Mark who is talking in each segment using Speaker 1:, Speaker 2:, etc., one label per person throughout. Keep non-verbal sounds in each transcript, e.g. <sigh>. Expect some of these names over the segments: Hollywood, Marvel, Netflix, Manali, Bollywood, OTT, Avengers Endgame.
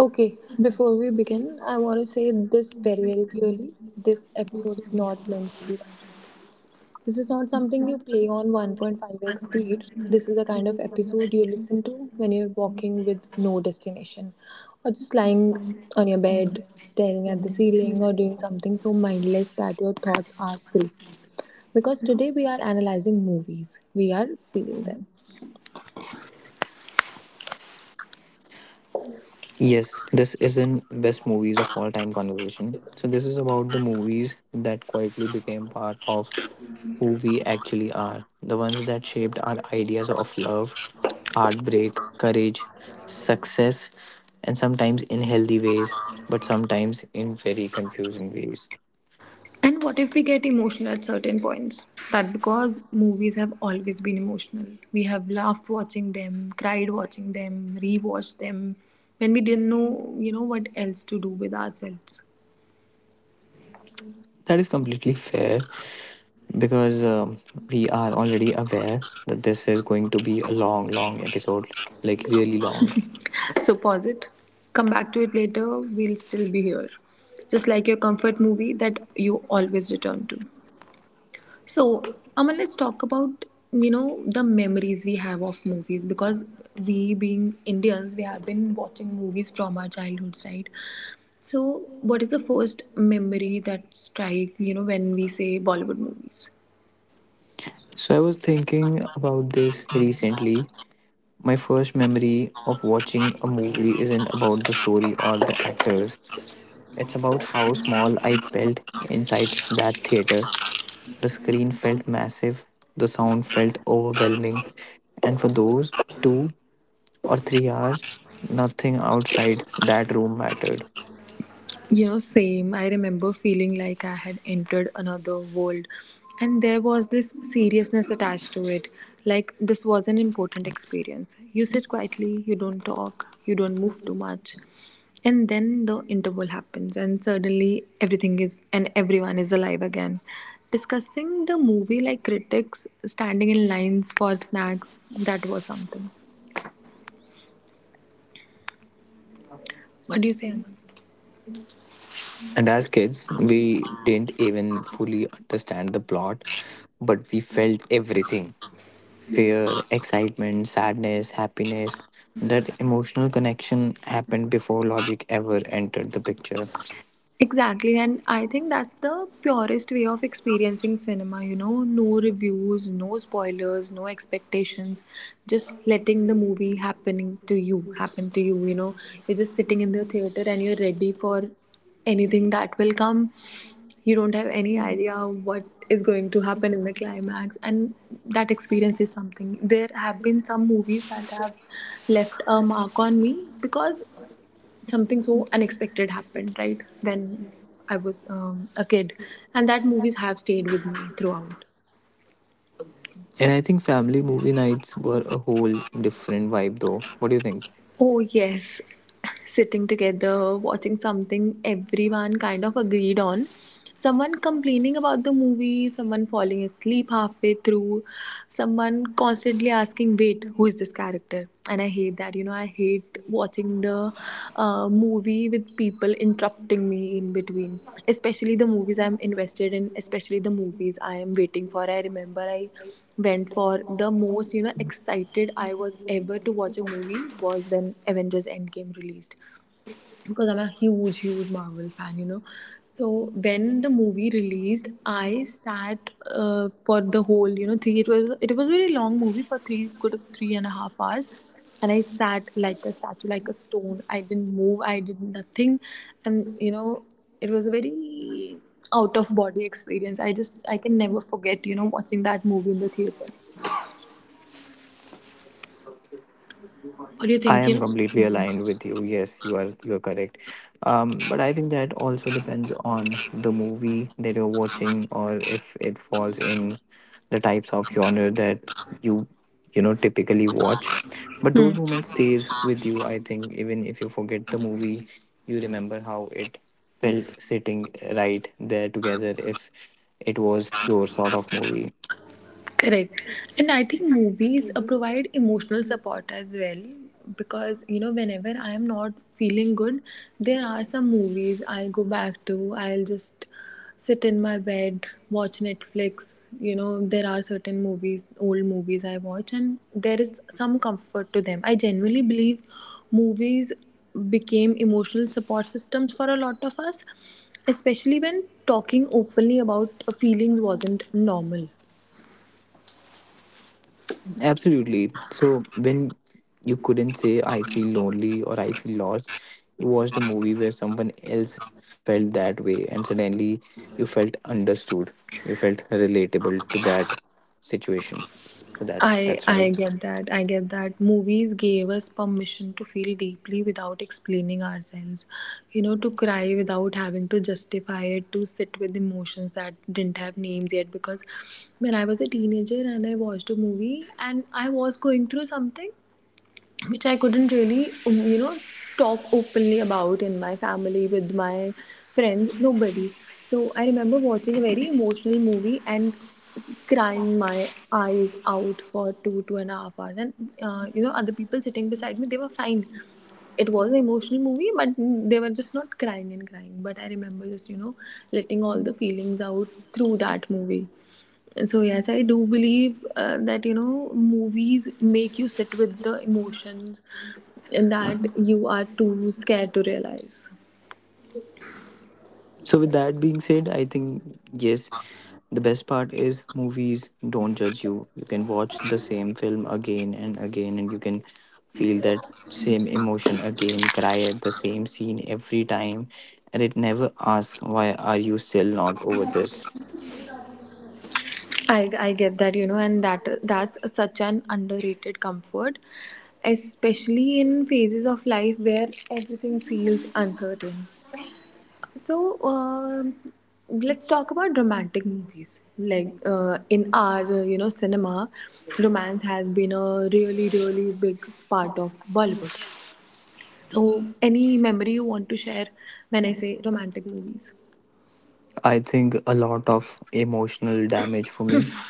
Speaker 1: Okay, before we begin, I want to say this very clearly. This episode is not meant to be rushed. This is not something you play on 1.5x speed. This is the kind of episode you listen to when you're walking with no destination, or just lying on your bed, staring at the ceiling, or doing something so mindless that your thoughts are free. Because today we are analyzing movies, we are feeling them.
Speaker 2: Yes, this isn't best movies of all time conversation. So this is about the movies that quite became part of our love, heartbreak, success, and some ways, but sometimes in very confusing ways.
Speaker 1: And what if we get emotional at certain points? That because movies have always been emotional. We have laughed watching them, cried watching them, rewatched them when we didn't know, what else to do with ourselves.
Speaker 2: That is completely fair because we are already aware that this is going to be a long, long episode, like really long.
Speaker 1: So pause it, come back to it later, we'll still be here. Just like your comfort movie that you always return to. So, Aman, let's talk about the memories we have of movies because we, being Indians, we have been watching movies from our childhoods, right? So, what is the first memory that strike when we say Bollywood movies?
Speaker 2: So I was thinking about this recently. My first memory of watching a movie isn't about the story or the actors. It's about how small I felt inside that theater. The screen felt massive, the sound felt overwhelming, and for those 2 or 3 hours, nothing outside that room mattered.
Speaker 1: You know, same. I remember feeling like I had entered another world, and there was this seriousness attached to it. Like, this was an important experience. You sit quietly, you don't talk, you don't move too much. And then the interval happens, and suddenly everything is and everyone is alive again. Discussing the movie like critics, standing in lines for snacks, that was something. What do you say, Aman?
Speaker 2: And as kids, we didn't even fully understand the plot, but we felt everything fear, excitement, sadness, happiness. That emotional connection happened before logic ever entered the picture.
Speaker 1: Exactly, and I think that's the purest way of experiencing cinema, no reviews, no spoilers, no expectations, just letting the movie happening to you, happen to you, you know. You're just sitting in the theater and you're ready for anything that will come. You don't have any idea what is going to happen in the climax, and that experience is something. There have been some movies that have left a mark on me because something so unexpected happened right when I was a kid and that movies have stayed with me throughout.
Speaker 2: And I think family movie nights were a whole different vibe, though. What do you think?
Speaker 1: Oh yes. <laughs> Sitting together watching something everyone kind of agreed on, someone complaining about the movie, someone falling asleep halfway through, someone constantly asking, wait, who is this character? And I hate that, I hate watching the movie with people interrupting me in between, especially the movies I'm invested in, especially the movies I am waiting for. I remember I went for the most, excited I was ever to watch a movie was when Avengers Endgame released because I'm a huge Marvel fan, you know. So when the movie released, I sat for the whole, three. It was a very long movie, for three, good 3.5 hours, and I sat like a statue, like a stone. I didn't move. I did nothing, and you know, it was a very out of body experience. I can never forget, watching that movie in the theater. What do you
Speaker 2: I
Speaker 1: think? You
Speaker 2: am completely
Speaker 1: know?
Speaker 2: aligned with you. Yes, you are correct. But I think that also depends on the movie that you're watching, or if it falls in the types of genre that you you know typically watch. But
Speaker 1: Hmm.
Speaker 2: those moments stays with you. I think even if you forget the movie, you remember how it felt sitting right there together. If it was your sort of movie.
Speaker 1: Correct. And I think movies provide emotional support as well because, you know, whenever I am not feeling good, there are some movies I'll go back to. I'll just sit in my bed, watch Netflix. You know, there are certain movies, old movies I watch, and there is some comfort to them. I genuinely believe movies became emotional support systems for a lot of us, especially when talking openly about feelings wasn't normal.
Speaker 2: Absolutely. So when you couldn't say I feel lonely or I feel lost, you watched a movie where someone else felt that way and suddenly you felt understood. You felt relatable to that situation. So that's
Speaker 1: I
Speaker 2: that's right.
Speaker 1: I get that. I get that. Movies gave us permission to feel deeply without explaining ourselves. You know, to cry without having to justify it, to sit with emotions that didn't have names yet because when I was a teenager and I watched a movie and I was going through something which I couldn't really, talk openly about in my family, with my friends, nobody. So I remember watching a very emotional movie and crying my eyes out for two, 2.5 hours. And, you know, other people sitting beside me, they were fine. It was an emotional movie, but they were just not crying and crying. But I remember just, you know, letting all the feelings out through that movie. So yes, I do believe that you know movies make you sit with the emotions that you are too scared to realize.
Speaker 2: So with that being said, I think yes, the best part is movies don't judge you. You can watch the same film again and again and you can feel that same emotion again, cry at the same scene every time and it never asks why are you still not over this.
Speaker 1: I get that, you know, and that that's such an underrated comfort, especially in phases of life where everything feels uncertain. So let's talk about romantic movies. Like in our you know cinema, romance has been a really big part of Bollywood. So, any memory you want to share when I say romantic movies?
Speaker 2: I think a lot of emotional damage for me.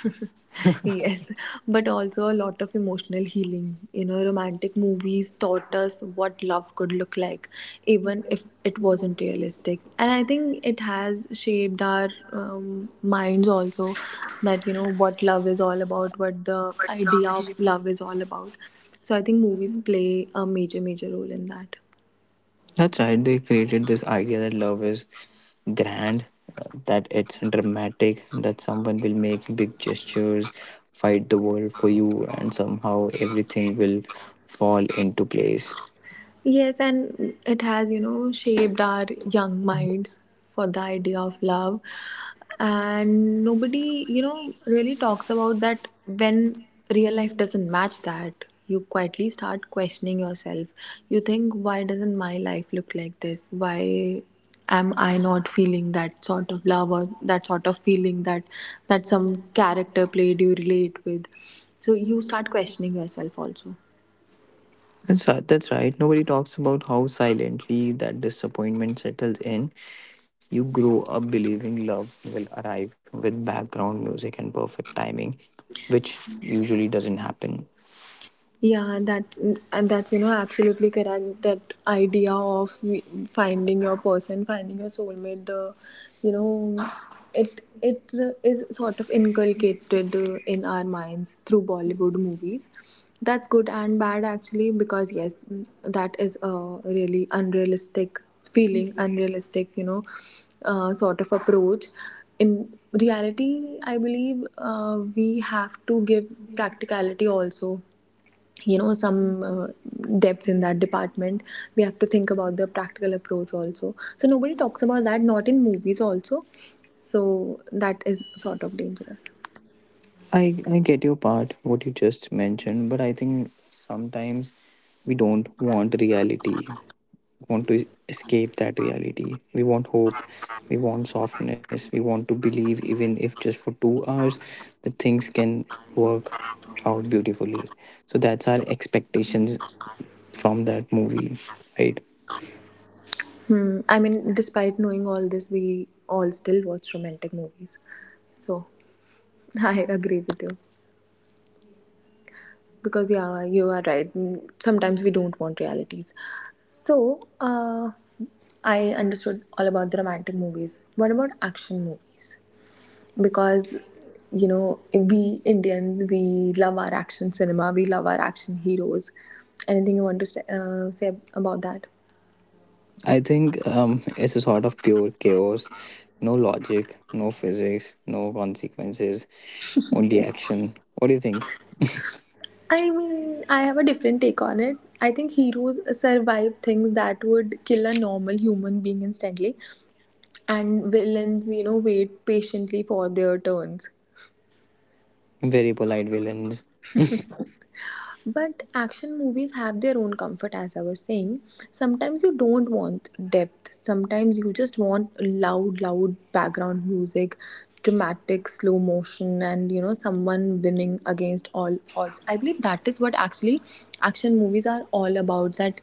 Speaker 1: <laughs> Yes, but also a lot of emotional healing. You know, romantic movies taught us what love could look like, even if it wasn't realistic. And I think it has shaped our minds also that, you know, what love is all about, what the idea of love is all about. So, I think movies play a major role in that.
Speaker 2: That's right. They created this idea that love is grand, that it's dramatic, that someone will make big gestures, fight the world for you, and somehow everything will fall into place.
Speaker 1: Yes, and it has, you know, shaped our young minds for the idea of love. And nobody, you know, really talks about that when real life doesn't match that. You quietly start questioning yourself. You think, why doesn't my life look like this? Why am I not feeling that sort of love or that sort of feeling that that some character played you relate with? So you start questioning yourself also.
Speaker 2: That's right. That's right. Nobody talks about how silently that disappointment settles in. You grow up believing love will arrive with background music and perfect timing, which usually doesn't happen.
Speaker 1: Yeah, and that's you know absolutely correct. That idea of finding your person, finding your soulmate, the you know, it is sort of inculcated in our minds through Bollywood movies. That's good and bad actually because yes, that is a really unrealistic feeling, unrealistic you know, sort of approach. In reality, I believe we have to give practicality also, you know, some depth in that department. We have to think about the practical approach also. So nobody talks about that, not in movies also. So that is sort of dangerous.
Speaker 2: I get your part, what you just mentioned, but I think sometimes we don't want reality. We want to escape that reality. We want hope. We want softness. We want to believe, even if just for 2 hours, that things can work out beautifully. So that's our expectations from that movie, right?
Speaker 1: Hmm. I mean, despite knowing all this we all still watch romantic movies, so <laughs> I agree with you because yeah you are right. Mm, sometimes we don't want realities, so I understood all about the romantic movies. What about action movies? Because you know we Indians we love our action cinema, we love our action heroes. Anything you want to say, say about that?
Speaker 2: I think it's a sort of pure chaos. No logic, no physics, no consequences, only action. What do you think?
Speaker 1: I mean, I have a different take on it. I think heroes survive things that would kill a normal human being instantly, and villains, you know, wait patiently for their turns.
Speaker 2: Very polite villains.
Speaker 1: But action movies have their own comfort, as I was saying. Sometimes you don't want depth, sometimes you just want loud background music, dramatic slow motion, and you know, someone winning against all odds. I believe that is what actually action movies are all about. That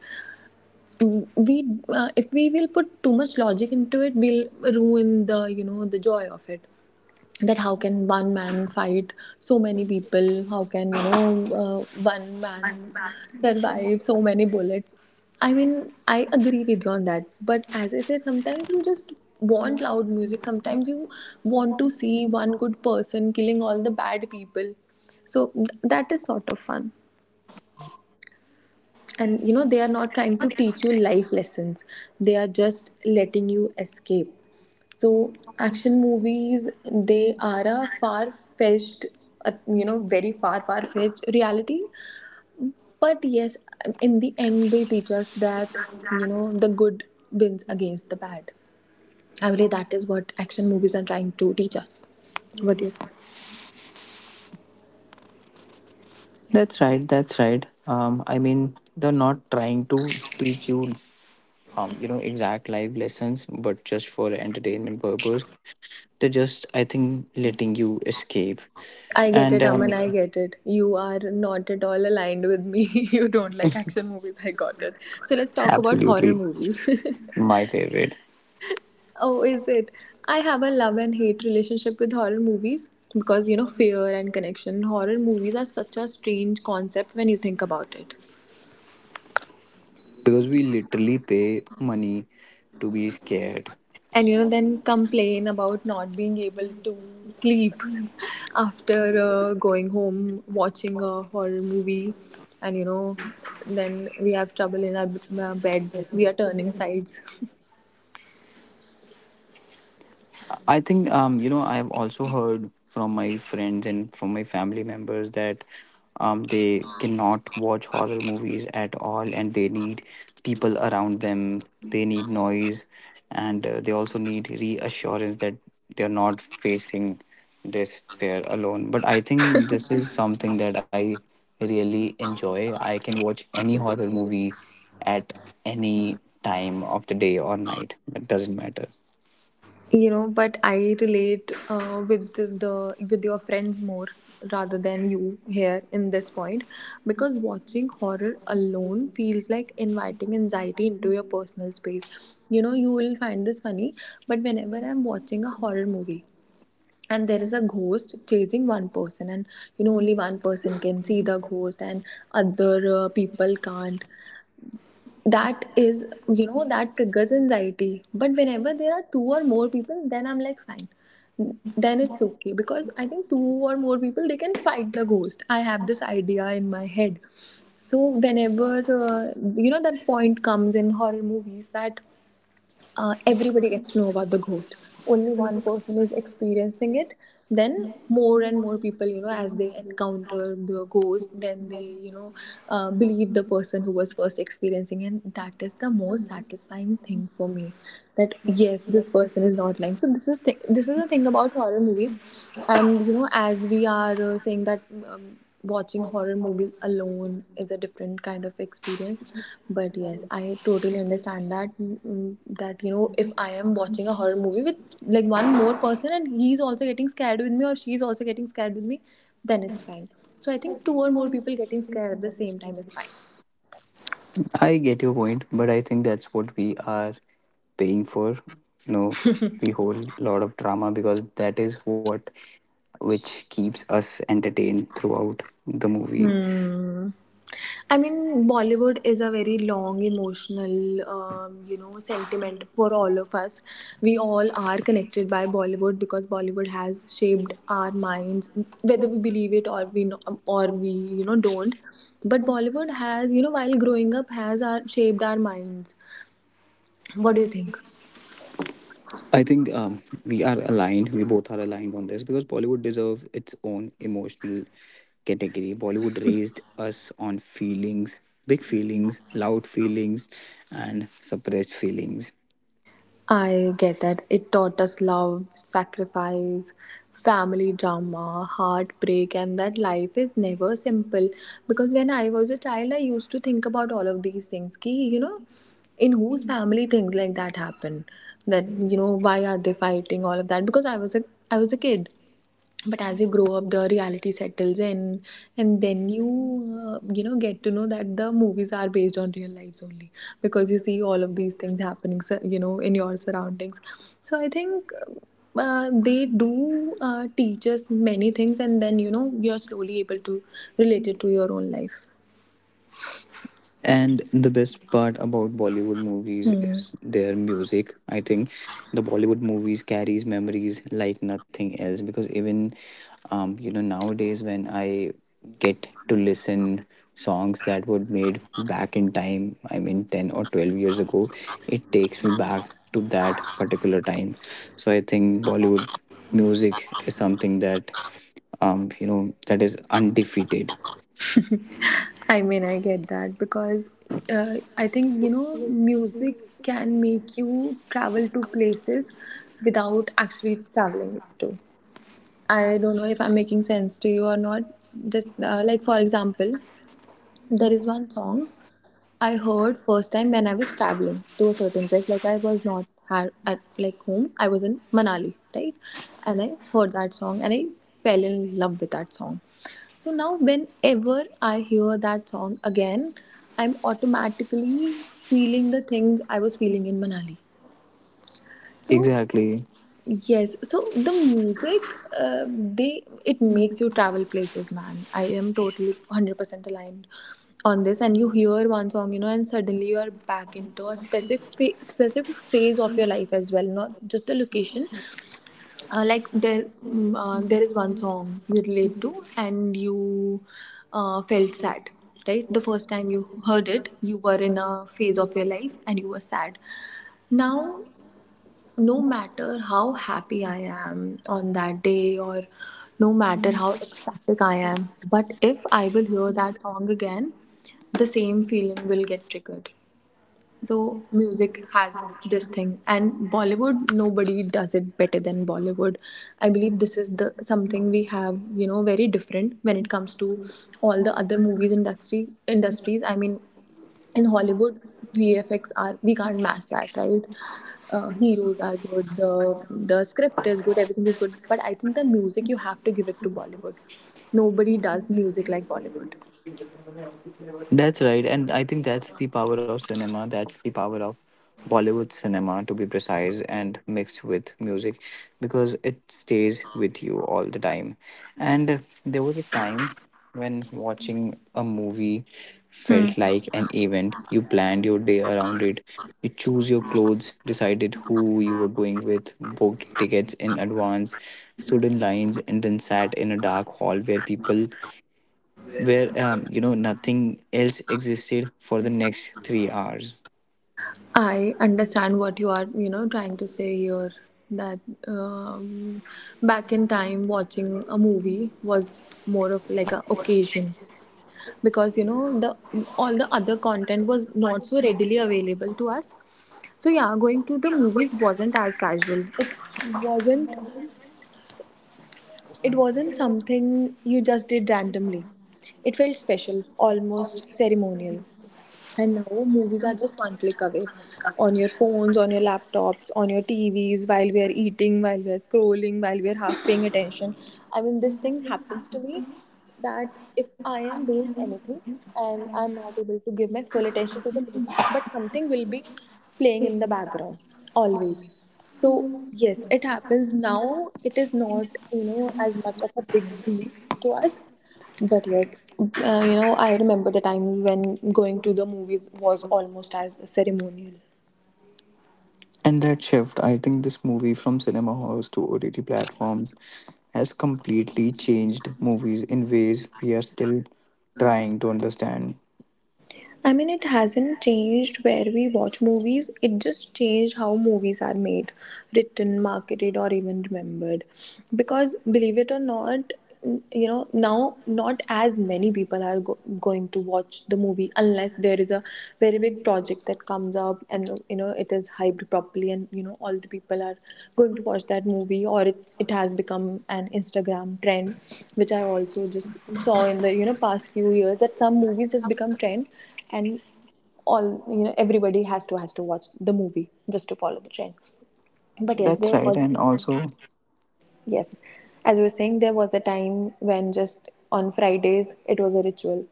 Speaker 1: we, if we will put too much logic into it, we'll ruin the you know, the joy of it. That how can one man fight so many people, how can one man survive so many bullets. I mean I agree with you on that but as I say sometimes you just want loud music, sometimes you want to see one good person killing all the bad people, so that is sort of fun. And you know they are not trying to teach you life lessons, they are just letting you escape. So action movies, they are a far-fetched, you know, very far, far-fetched reality. But yes, in the end, they teach us that you know the good wins against the bad. I believe that is what action movies are trying to teach us. What do you say?
Speaker 2: That's right. That's right. I mean, they're not trying to teach you, you know, exact life lessons, but just for entertainment purpose, they're just, I think, letting you escape.
Speaker 1: I get
Speaker 2: And
Speaker 1: it, Aman. I get it. You are not at all aligned with me. <laughs> You don't like action movies. I got it. So let's talk about horror
Speaker 2: absolutely,
Speaker 1: movies. <laughs>
Speaker 2: my favorite,
Speaker 1: Oh, is it? I have a love and hate relationship with horror movies because you know fear and connection. Horror movies are such a strange concept when you think about it.
Speaker 2: because we literally pay money to be scared.
Speaker 1: And you know then complain about not being able to sleep <laughs> after going home watching a horror movie. And you know then we have trouble in our bed. We are turning sides.
Speaker 2: I think you know I have also heard from my friends and from my family members that they cannot watch horror movies at all, and they need people around them. They need noise, and they also need reassurance that they're not facing this fear alone. But I think this is something that I really enjoy. I can watch any horror movie at any time of the day or night. It doesn't matter.
Speaker 1: But I relate with the with your friends more rather than you here in this point, because watching horror alone feels like inviting anxiety into your personal space. You will find this funny, but whenever I'm watching a horror movie, and there is a ghost chasing one person, and only one person can see the ghost, and other people can't. That is, that triggers anxiety. But whenever there are two or more people, then I'm like, fine. Then it's okay because I think two or more people, they can fight the ghost. I have this idea in my head. So whenever that point comes in horror movies, that everybody gets to know about the ghost, only one person is experiencing it, then more and more people, as they encounter the ghost, then they believe the person who was first experiencing, and that is the most satisfying thing for me. That yes, this person is not lying. So this is this is the thing about horror movies. And as we are saying that, watching horror movies alone is a different kind of experience. But yes, I totally understand that, that if I am watching a horror movie with like one more person, and he's also getting scared with me, or she's also getting scared with me, then it's fine. So I think two or more people getting scared at the same time is fine.
Speaker 2: I get your point, but I think that's what we are paying for. You know, the whole lot of drama because that is what which keeps us entertained throughout the movie.
Speaker 1: Hmm. I mean, Bollywood is a very long, emotional, sentiment for all of us. We all are connected by Bollywood because Bollywood has shaped our minds, whether we believe it or we no- or we don't. But Bollywood has, while growing up, has shaped our minds. What do you think?
Speaker 2: I think we are aligned. We both are aligned on this because Bollywood deserves its own emotional category. Bollywood raised us on feelings, big feelings, loud feelings, and suppressed feelings.
Speaker 1: I get that. It taught us love, sacrifice, family drama, heartbreak, and that life is never simple. Because when I was a child, I used to think about all of these things. Ki, you know, in whose family things like that happen? That, you know, why are they fighting? All of that. Because I was a kid, but as you grow up, the reality settles in. And then you you know get to know that the movies are based on real lives only, because you see all of these things happening, in your surroundings. So I think they do teach us many things, and then you're slowly able to relate it to your own life.
Speaker 2: And the best part about Bollywood movies
Speaker 1: Hmm.
Speaker 2: is their music. I think the Bollywood movies carries memories like nothing else because even you know nowadays when I get to listen songs that were made back in time, I mean 10 or 12 years ago, it takes me back to that particular time. So I think Bollywood music is something that you know that is undefeated.
Speaker 1: <laughs> I mean, I get that because I think, music can make you travel to places without actually traveling it to. I don't know if I'm making sense to you or not. Just like, for example, there is one song I heard first time when I was traveling to a certain place. Like I was not at like home. I was in Manali, right? And I heard that song, and I fell in love with that song. So now whenever I hear that song again, I'm automatically feeling the things I was feeling in Manali. So
Speaker 2: Exactly.
Speaker 1: yes, so the music, they it makes you travel places, man. I am totally 100% aligned on this. And you hear one song, you know, and suddenly you are back into a specific specific phase of your life as well, not just the location. Like there is one song you relate to, and you felt sad, right? The first time you heard it, you were in a phase of your life, and you were sad. Now no matter how happy I am on that day, or no matter how ecstatic I am, but if I will hear that song again, the same feeling will get triggered. So music has this thing, and Bollywood, nobody does it better than Bollywood. I believe this is the something we have, very different when it comes to all the other movies industry industries. I mean, in Hollywood, VFX, are we can't match that, right? Heroes are good, the script is good, everything is good. But I think the music, you have to give it to Bollywood. Nobody does music like Bollywood.
Speaker 2: That's right, and I think that's the power of cinema. That's the power of Bollywood cinema, to be precise, and mixed with music, because it stays with you all the time. And there was a time when watching a movie
Speaker 1: Hmm.
Speaker 2: felt like an event. You planned your day around it. You choose your clothes, decided who you were going with, booked tickets in advance, stood in lines, and then sat in a dark hall where people where you know nothing else existed for the next 3 hours.
Speaker 1: I understand what you are, trying to say here, that um, back in time, watching a movie was more of like a occasion, because the all the other content was not so readily available to us. So yeah, going to the movies wasn't as casual. It wasn't. It wasn't something you just did randomly. It felt special, almost ceremonial. And now movies are just one click away, on your phones, on your laptops, on your TVs, while we are eating, while we are scrolling, while we are half paying attention. I mean, this thing happens to me that if I am doing anything and I'm not able to give my full attention to the movie, but something will be playing in the background always. So, yes, it happens now. It is not, as much of a big deal to us. But yes, I remember the time when going to the movies was almost as ceremonial.
Speaker 2: And that shift, I think this movie from cinema halls to OTT platforms has completely changed movies in ways we are still trying to understand.
Speaker 1: I mean, it hasn't changed where we watch movies, it just changed how movies are made, written, marketed, or even remembered. Because, believe it or not, now not as many people are going to watch the movie unless there is a very big project that comes up, and, it is hyped properly, and, all the people are going to watch that movie, or it has become an Instagram trend, which I also just saw in the, past few years, that some movies just become trend. And all, everybody has to watch the movie just to follow the trend. But yes,
Speaker 2: That's
Speaker 1: there
Speaker 2: right,
Speaker 1: was
Speaker 2: and
Speaker 1: a
Speaker 2: also
Speaker 1: time. Yes, as we were saying, there was a time when just on Fridays it was a ritual,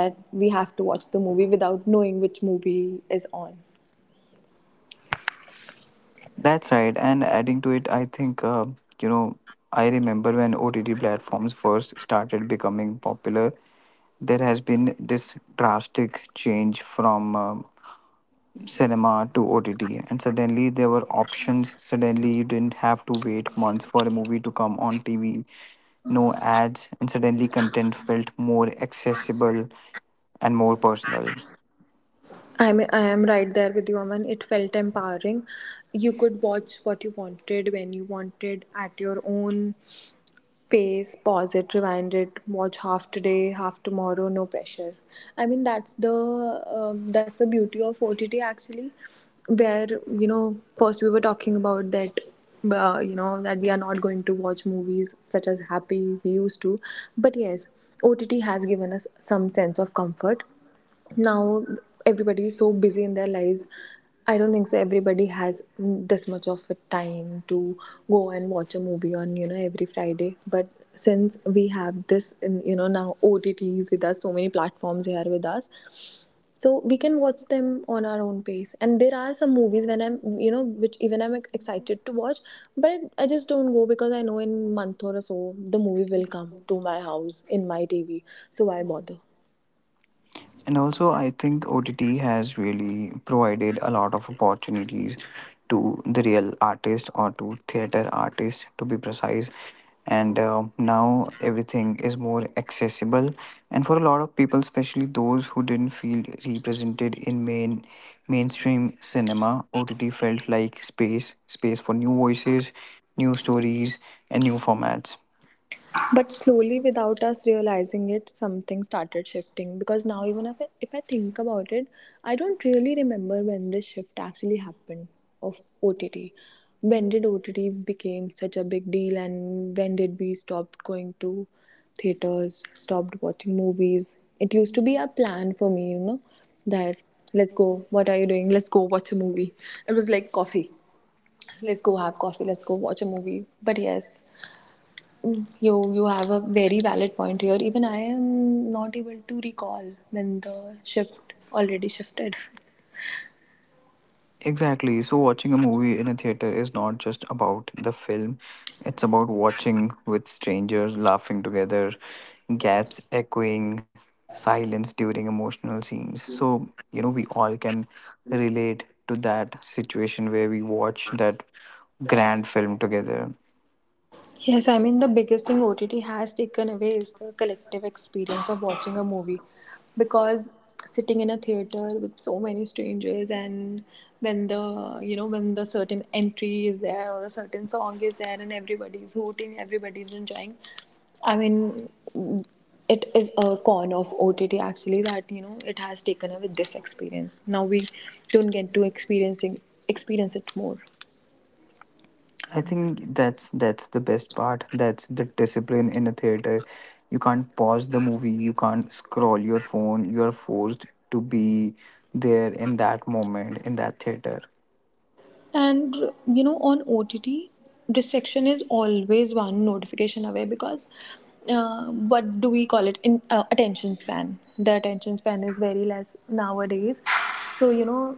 Speaker 1: that we have to watch the movie without knowing which movie is on.
Speaker 2: that's right, and adding to it, I think you know I remember when OTT platforms first started becoming popular, there has been this drastic change from cinema to OTT, and suddenly there were options. Suddenly, you didn't have to wait months for a movie to come on TV, no ads, and suddenly content felt more accessible and more personal.
Speaker 1: I am right there with you, Aman. It felt empowering. You could watch what you wanted when you wanted at your own pace, pause it, rewind it, watch half today, half tomorrow, no pressure. I mean that's the beauty of OTT, actually, where first we were talking about that. That we are not going to watch movies such as happy we used to. But yes, OTT has given us some sense of comfort. Now everybody is so busy in their lives. I don't think so everybody has this much of a time to go and watch a movie on, every Friday. But since we have this in, you know now OTTs with us, so many platforms here with us. So we can watch them on our own pace, and there are some movies when I'm you know which even I'm excited to watch. But I just don't go because I know in month or so the movie will come to my house in my tv. So why bother.
Speaker 2: And also, I think OTT has really provided a lot of opportunities to the real artist or to theater artists, to be precise. And now everything is more accessible. And for a lot of people, especially those who didn't feel represented in mainstream cinema, OTT felt like space, space for new voices, new stories, and new formats.
Speaker 1: But slowly, without us realizing it, something started shifting. Because now, even if I think about it, I don't really remember when this shift actually happened of OTT. When did OTT became such a big deal, and when did we stop going to theaters, stopped watching movies? It used to be a plan for me, that let's go. What are you doing? Let's go watch a movie. It was like coffee, let's go have coffee, let's go watch a movie. But yes, you have a very valid point here. Even I am not able to recall when the shift already shifted.
Speaker 2: Exactly. So, watching a movie in a theater is not just about the film, it's about watching with strangers, laughing together, gaps echoing, silence during emotional scenes. So, you know, we all can relate to that situation where we watch that grand film together.
Speaker 1: Yes, I mean, the biggest thing OTT has taken away is the collective experience of watching a movie. Because sitting in a theater with so many strangers, and when the certain entry is there, or the certain song is there, and everybody's hooting, everybody's enjoying. I mean, it is a con of OTT, actually, that it has taken away this experience. Now we don't get to experiencing experience it more.
Speaker 2: I think that's the best part. That's the discipline in a theater. You can't pause the movie, you can't scroll your phone. You are forced to be there in that moment in that theater.
Speaker 1: And you know, on OTT, distraction is always one notification away, because what do we call it? In attention span. The attention span is very less nowadays. So you know,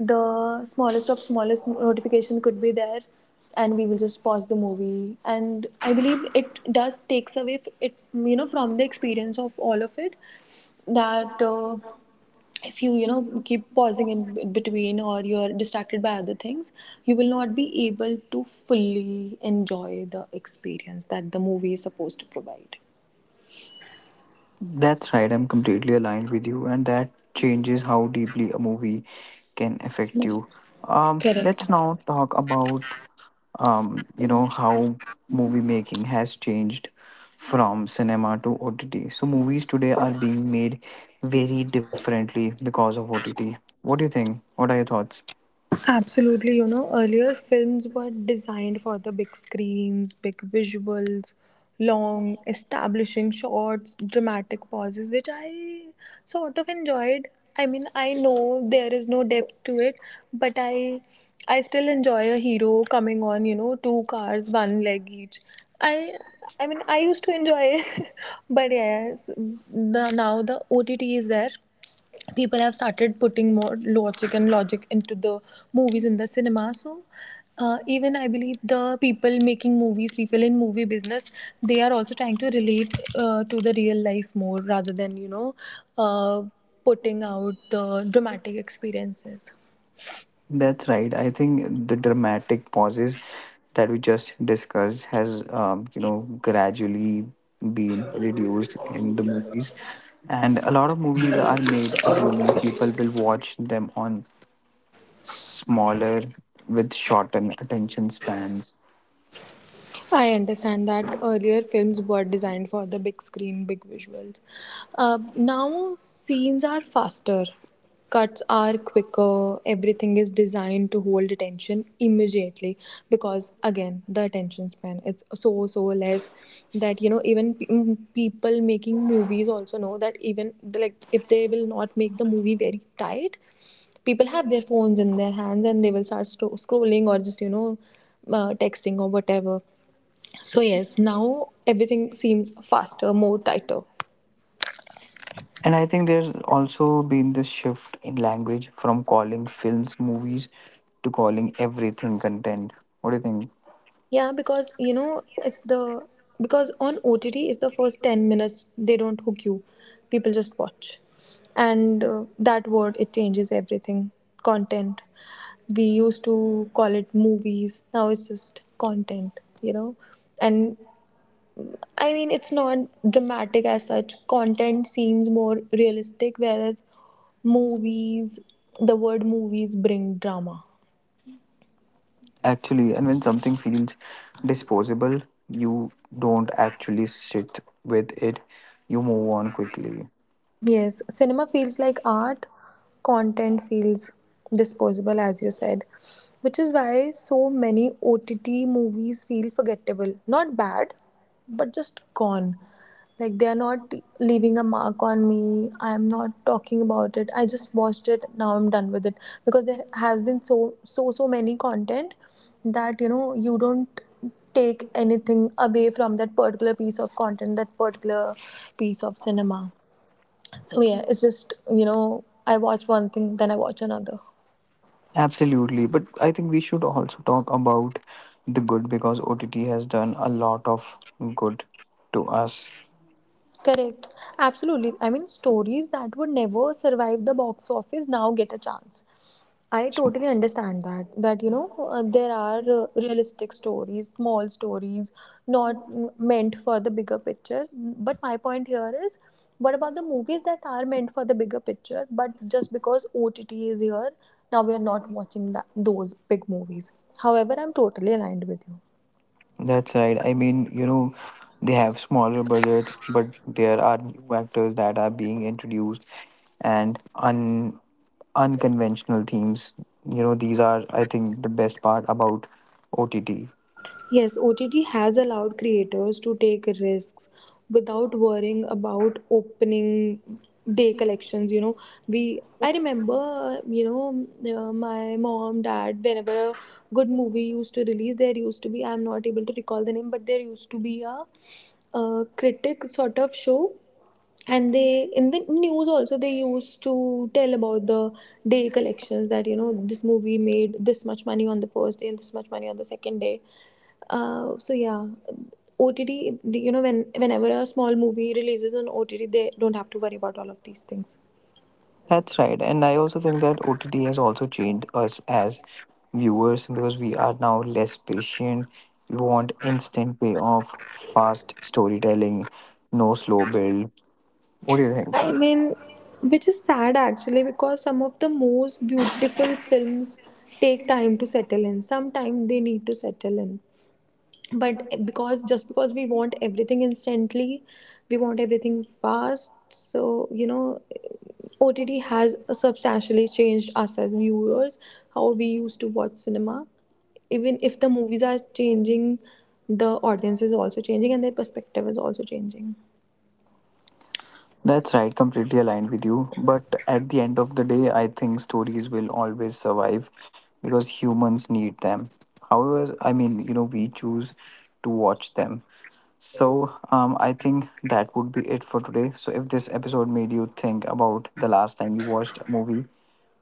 Speaker 1: the smallest of smallest notification could be there, and we will just pause the movie. And I believe it does takes away, it, from the experience of all of it, that, if you, you know keep pausing in between, or you're distracted by other things, you will not be able to fully enjoy the experience that the movie is supposed to provide.
Speaker 2: That's right. I'm completely aligned with you and that changes how deeply a movie can affect you. Um,
Speaker 1: Correct.
Speaker 2: let's now talk about you know how movie making has changed from cinema to OTT. So movies today are being made very differently because of OTT. What do you think? What are your thoughts?
Speaker 1: Absolutely, earlier films were designed for the big screens, big visuals, long establishing shots, dramatic pauses, which I sort of enjoyed. I mean, I know there is no depth to it, but I still enjoy a hero coming on, two cars, one leg each. I I mean, I used to enjoy it, <laughs> but yes, now the OTT is there. People have started putting more logic and logic into the movies in the cinema. So even I believe the people making movies, people in movie business, they are also trying to relate to the real life more rather than uh, putting out the dramatic experiences.
Speaker 2: That's right. I think the dramatic pauses that we just discussed has you know gradually been reduced in the movies and a lot of movies are made assuming people will watch them on smaller with shortened attention spans.
Speaker 1: I understand that earlier films were designed for the big screen, big visuals. Now scenes are faster, cuts are quicker, everything is designed to hold attention immediately because, again, the attention span it's so less that, you know, even people making movies also know that even like if they will not make the movie very tight, people have their phones in their hands and they will start scrolling or just, texting or whatever. So yes, now everything seems faster, more tighter.
Speaker 2: And I think there's also been this shift in language from calling films movies to calling everything content. What do you think?
Speaker 1: Yeah, because you know it's the, because on OTT is the first 10 minutes they don't hook you, people just watch, and that word it changes everything. Content, we used to call it movies, now it's just content, you know. And I mean it's not dramatic as such. Content seems more realistic, whereas movies, the word movies bring drama.
Speaker 2: Actually, and when something feels disposable, you don't actually sit with it, you move on quickly.
Speaker 1: Yes, cinema feels like art, content feels disposable, as you said, which is why so many OTT movies feel forgettable. Not bad, but just gone. Like they are not leaving a mark on me. I am not talking about it. I just watched it. Now I'm done with it because there has been so many content that you know you don't take anything away from that particular piece of content, that particular piece of cinema. So yeah, it's just you know I watch one thing, then I watch another.
Speaker 2: Absolutely. But I think we should also talk about the good because OTT has done a lot of good to us.
Speaker 1: Correct. Absolutely. I mean, stories that would never survive the box office now get a chance. I totally understand that. That there are realistic stories, small stories, not meant for the bigger picture. But my point here is, what about the movies that are meant for the bigger picture? But just because OTT is here, now we are not watching those big movies. However, I'm totally aligned with you.
Speaker 2: That's right. I mean, you know, they have smaller budgets, but there are new actors that are being introduced and un unconventional themes. You know, these are, I think, the best part about OTT.
Speaker 1: Yes, OTT has allowed creators to take risks without worrying about opening day collections, you know. We, I remember my mom dad, whenever a good movie used to release, there used to be, I'm not able to recall the name, but there used to be a critic sort of show, and they in the news also they used to tell about the day collections, that you know this movie made this much money on the first day and this much money on the second day. So yeah, OTT, you know, when whenever a small movie releases on OTT, they don't have to worry about all of these things.
Speaker 2: That's right. And I also think that OTT has also changed us as viewers because we are now less patient. We want instant payoff, fast storytelling, no slow build. What do you think?
Speaker 1: I mean, which is sad actually because some of the most beautiful films take time to settle in. Sometimes they need to settle in. But because just because we want everything instantly, we want everything fast. So, you know, OTT has substantially changed us as viewers, how we used to watch cinema. Even if the movies are changing, the audience is also changing and their perspective is also changing.
Speaker 2: That's right, completely aligned with you. But at the end of the day, I think stories will always survive because humans need them. However, I mean, you know, we choose to watch them. So, I think that would be it for today. So, if this episode made you think about the last time you watched a movie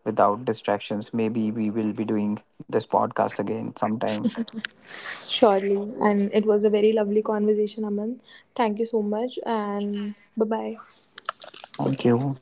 Speaker 2: without distractions, maybe we will be doing this podcast again sometime.
Speaker 1: Surely. And it was a very lovely conversation, Aman. Thank you so much, and bye bye.
Speaker 2: Thank you.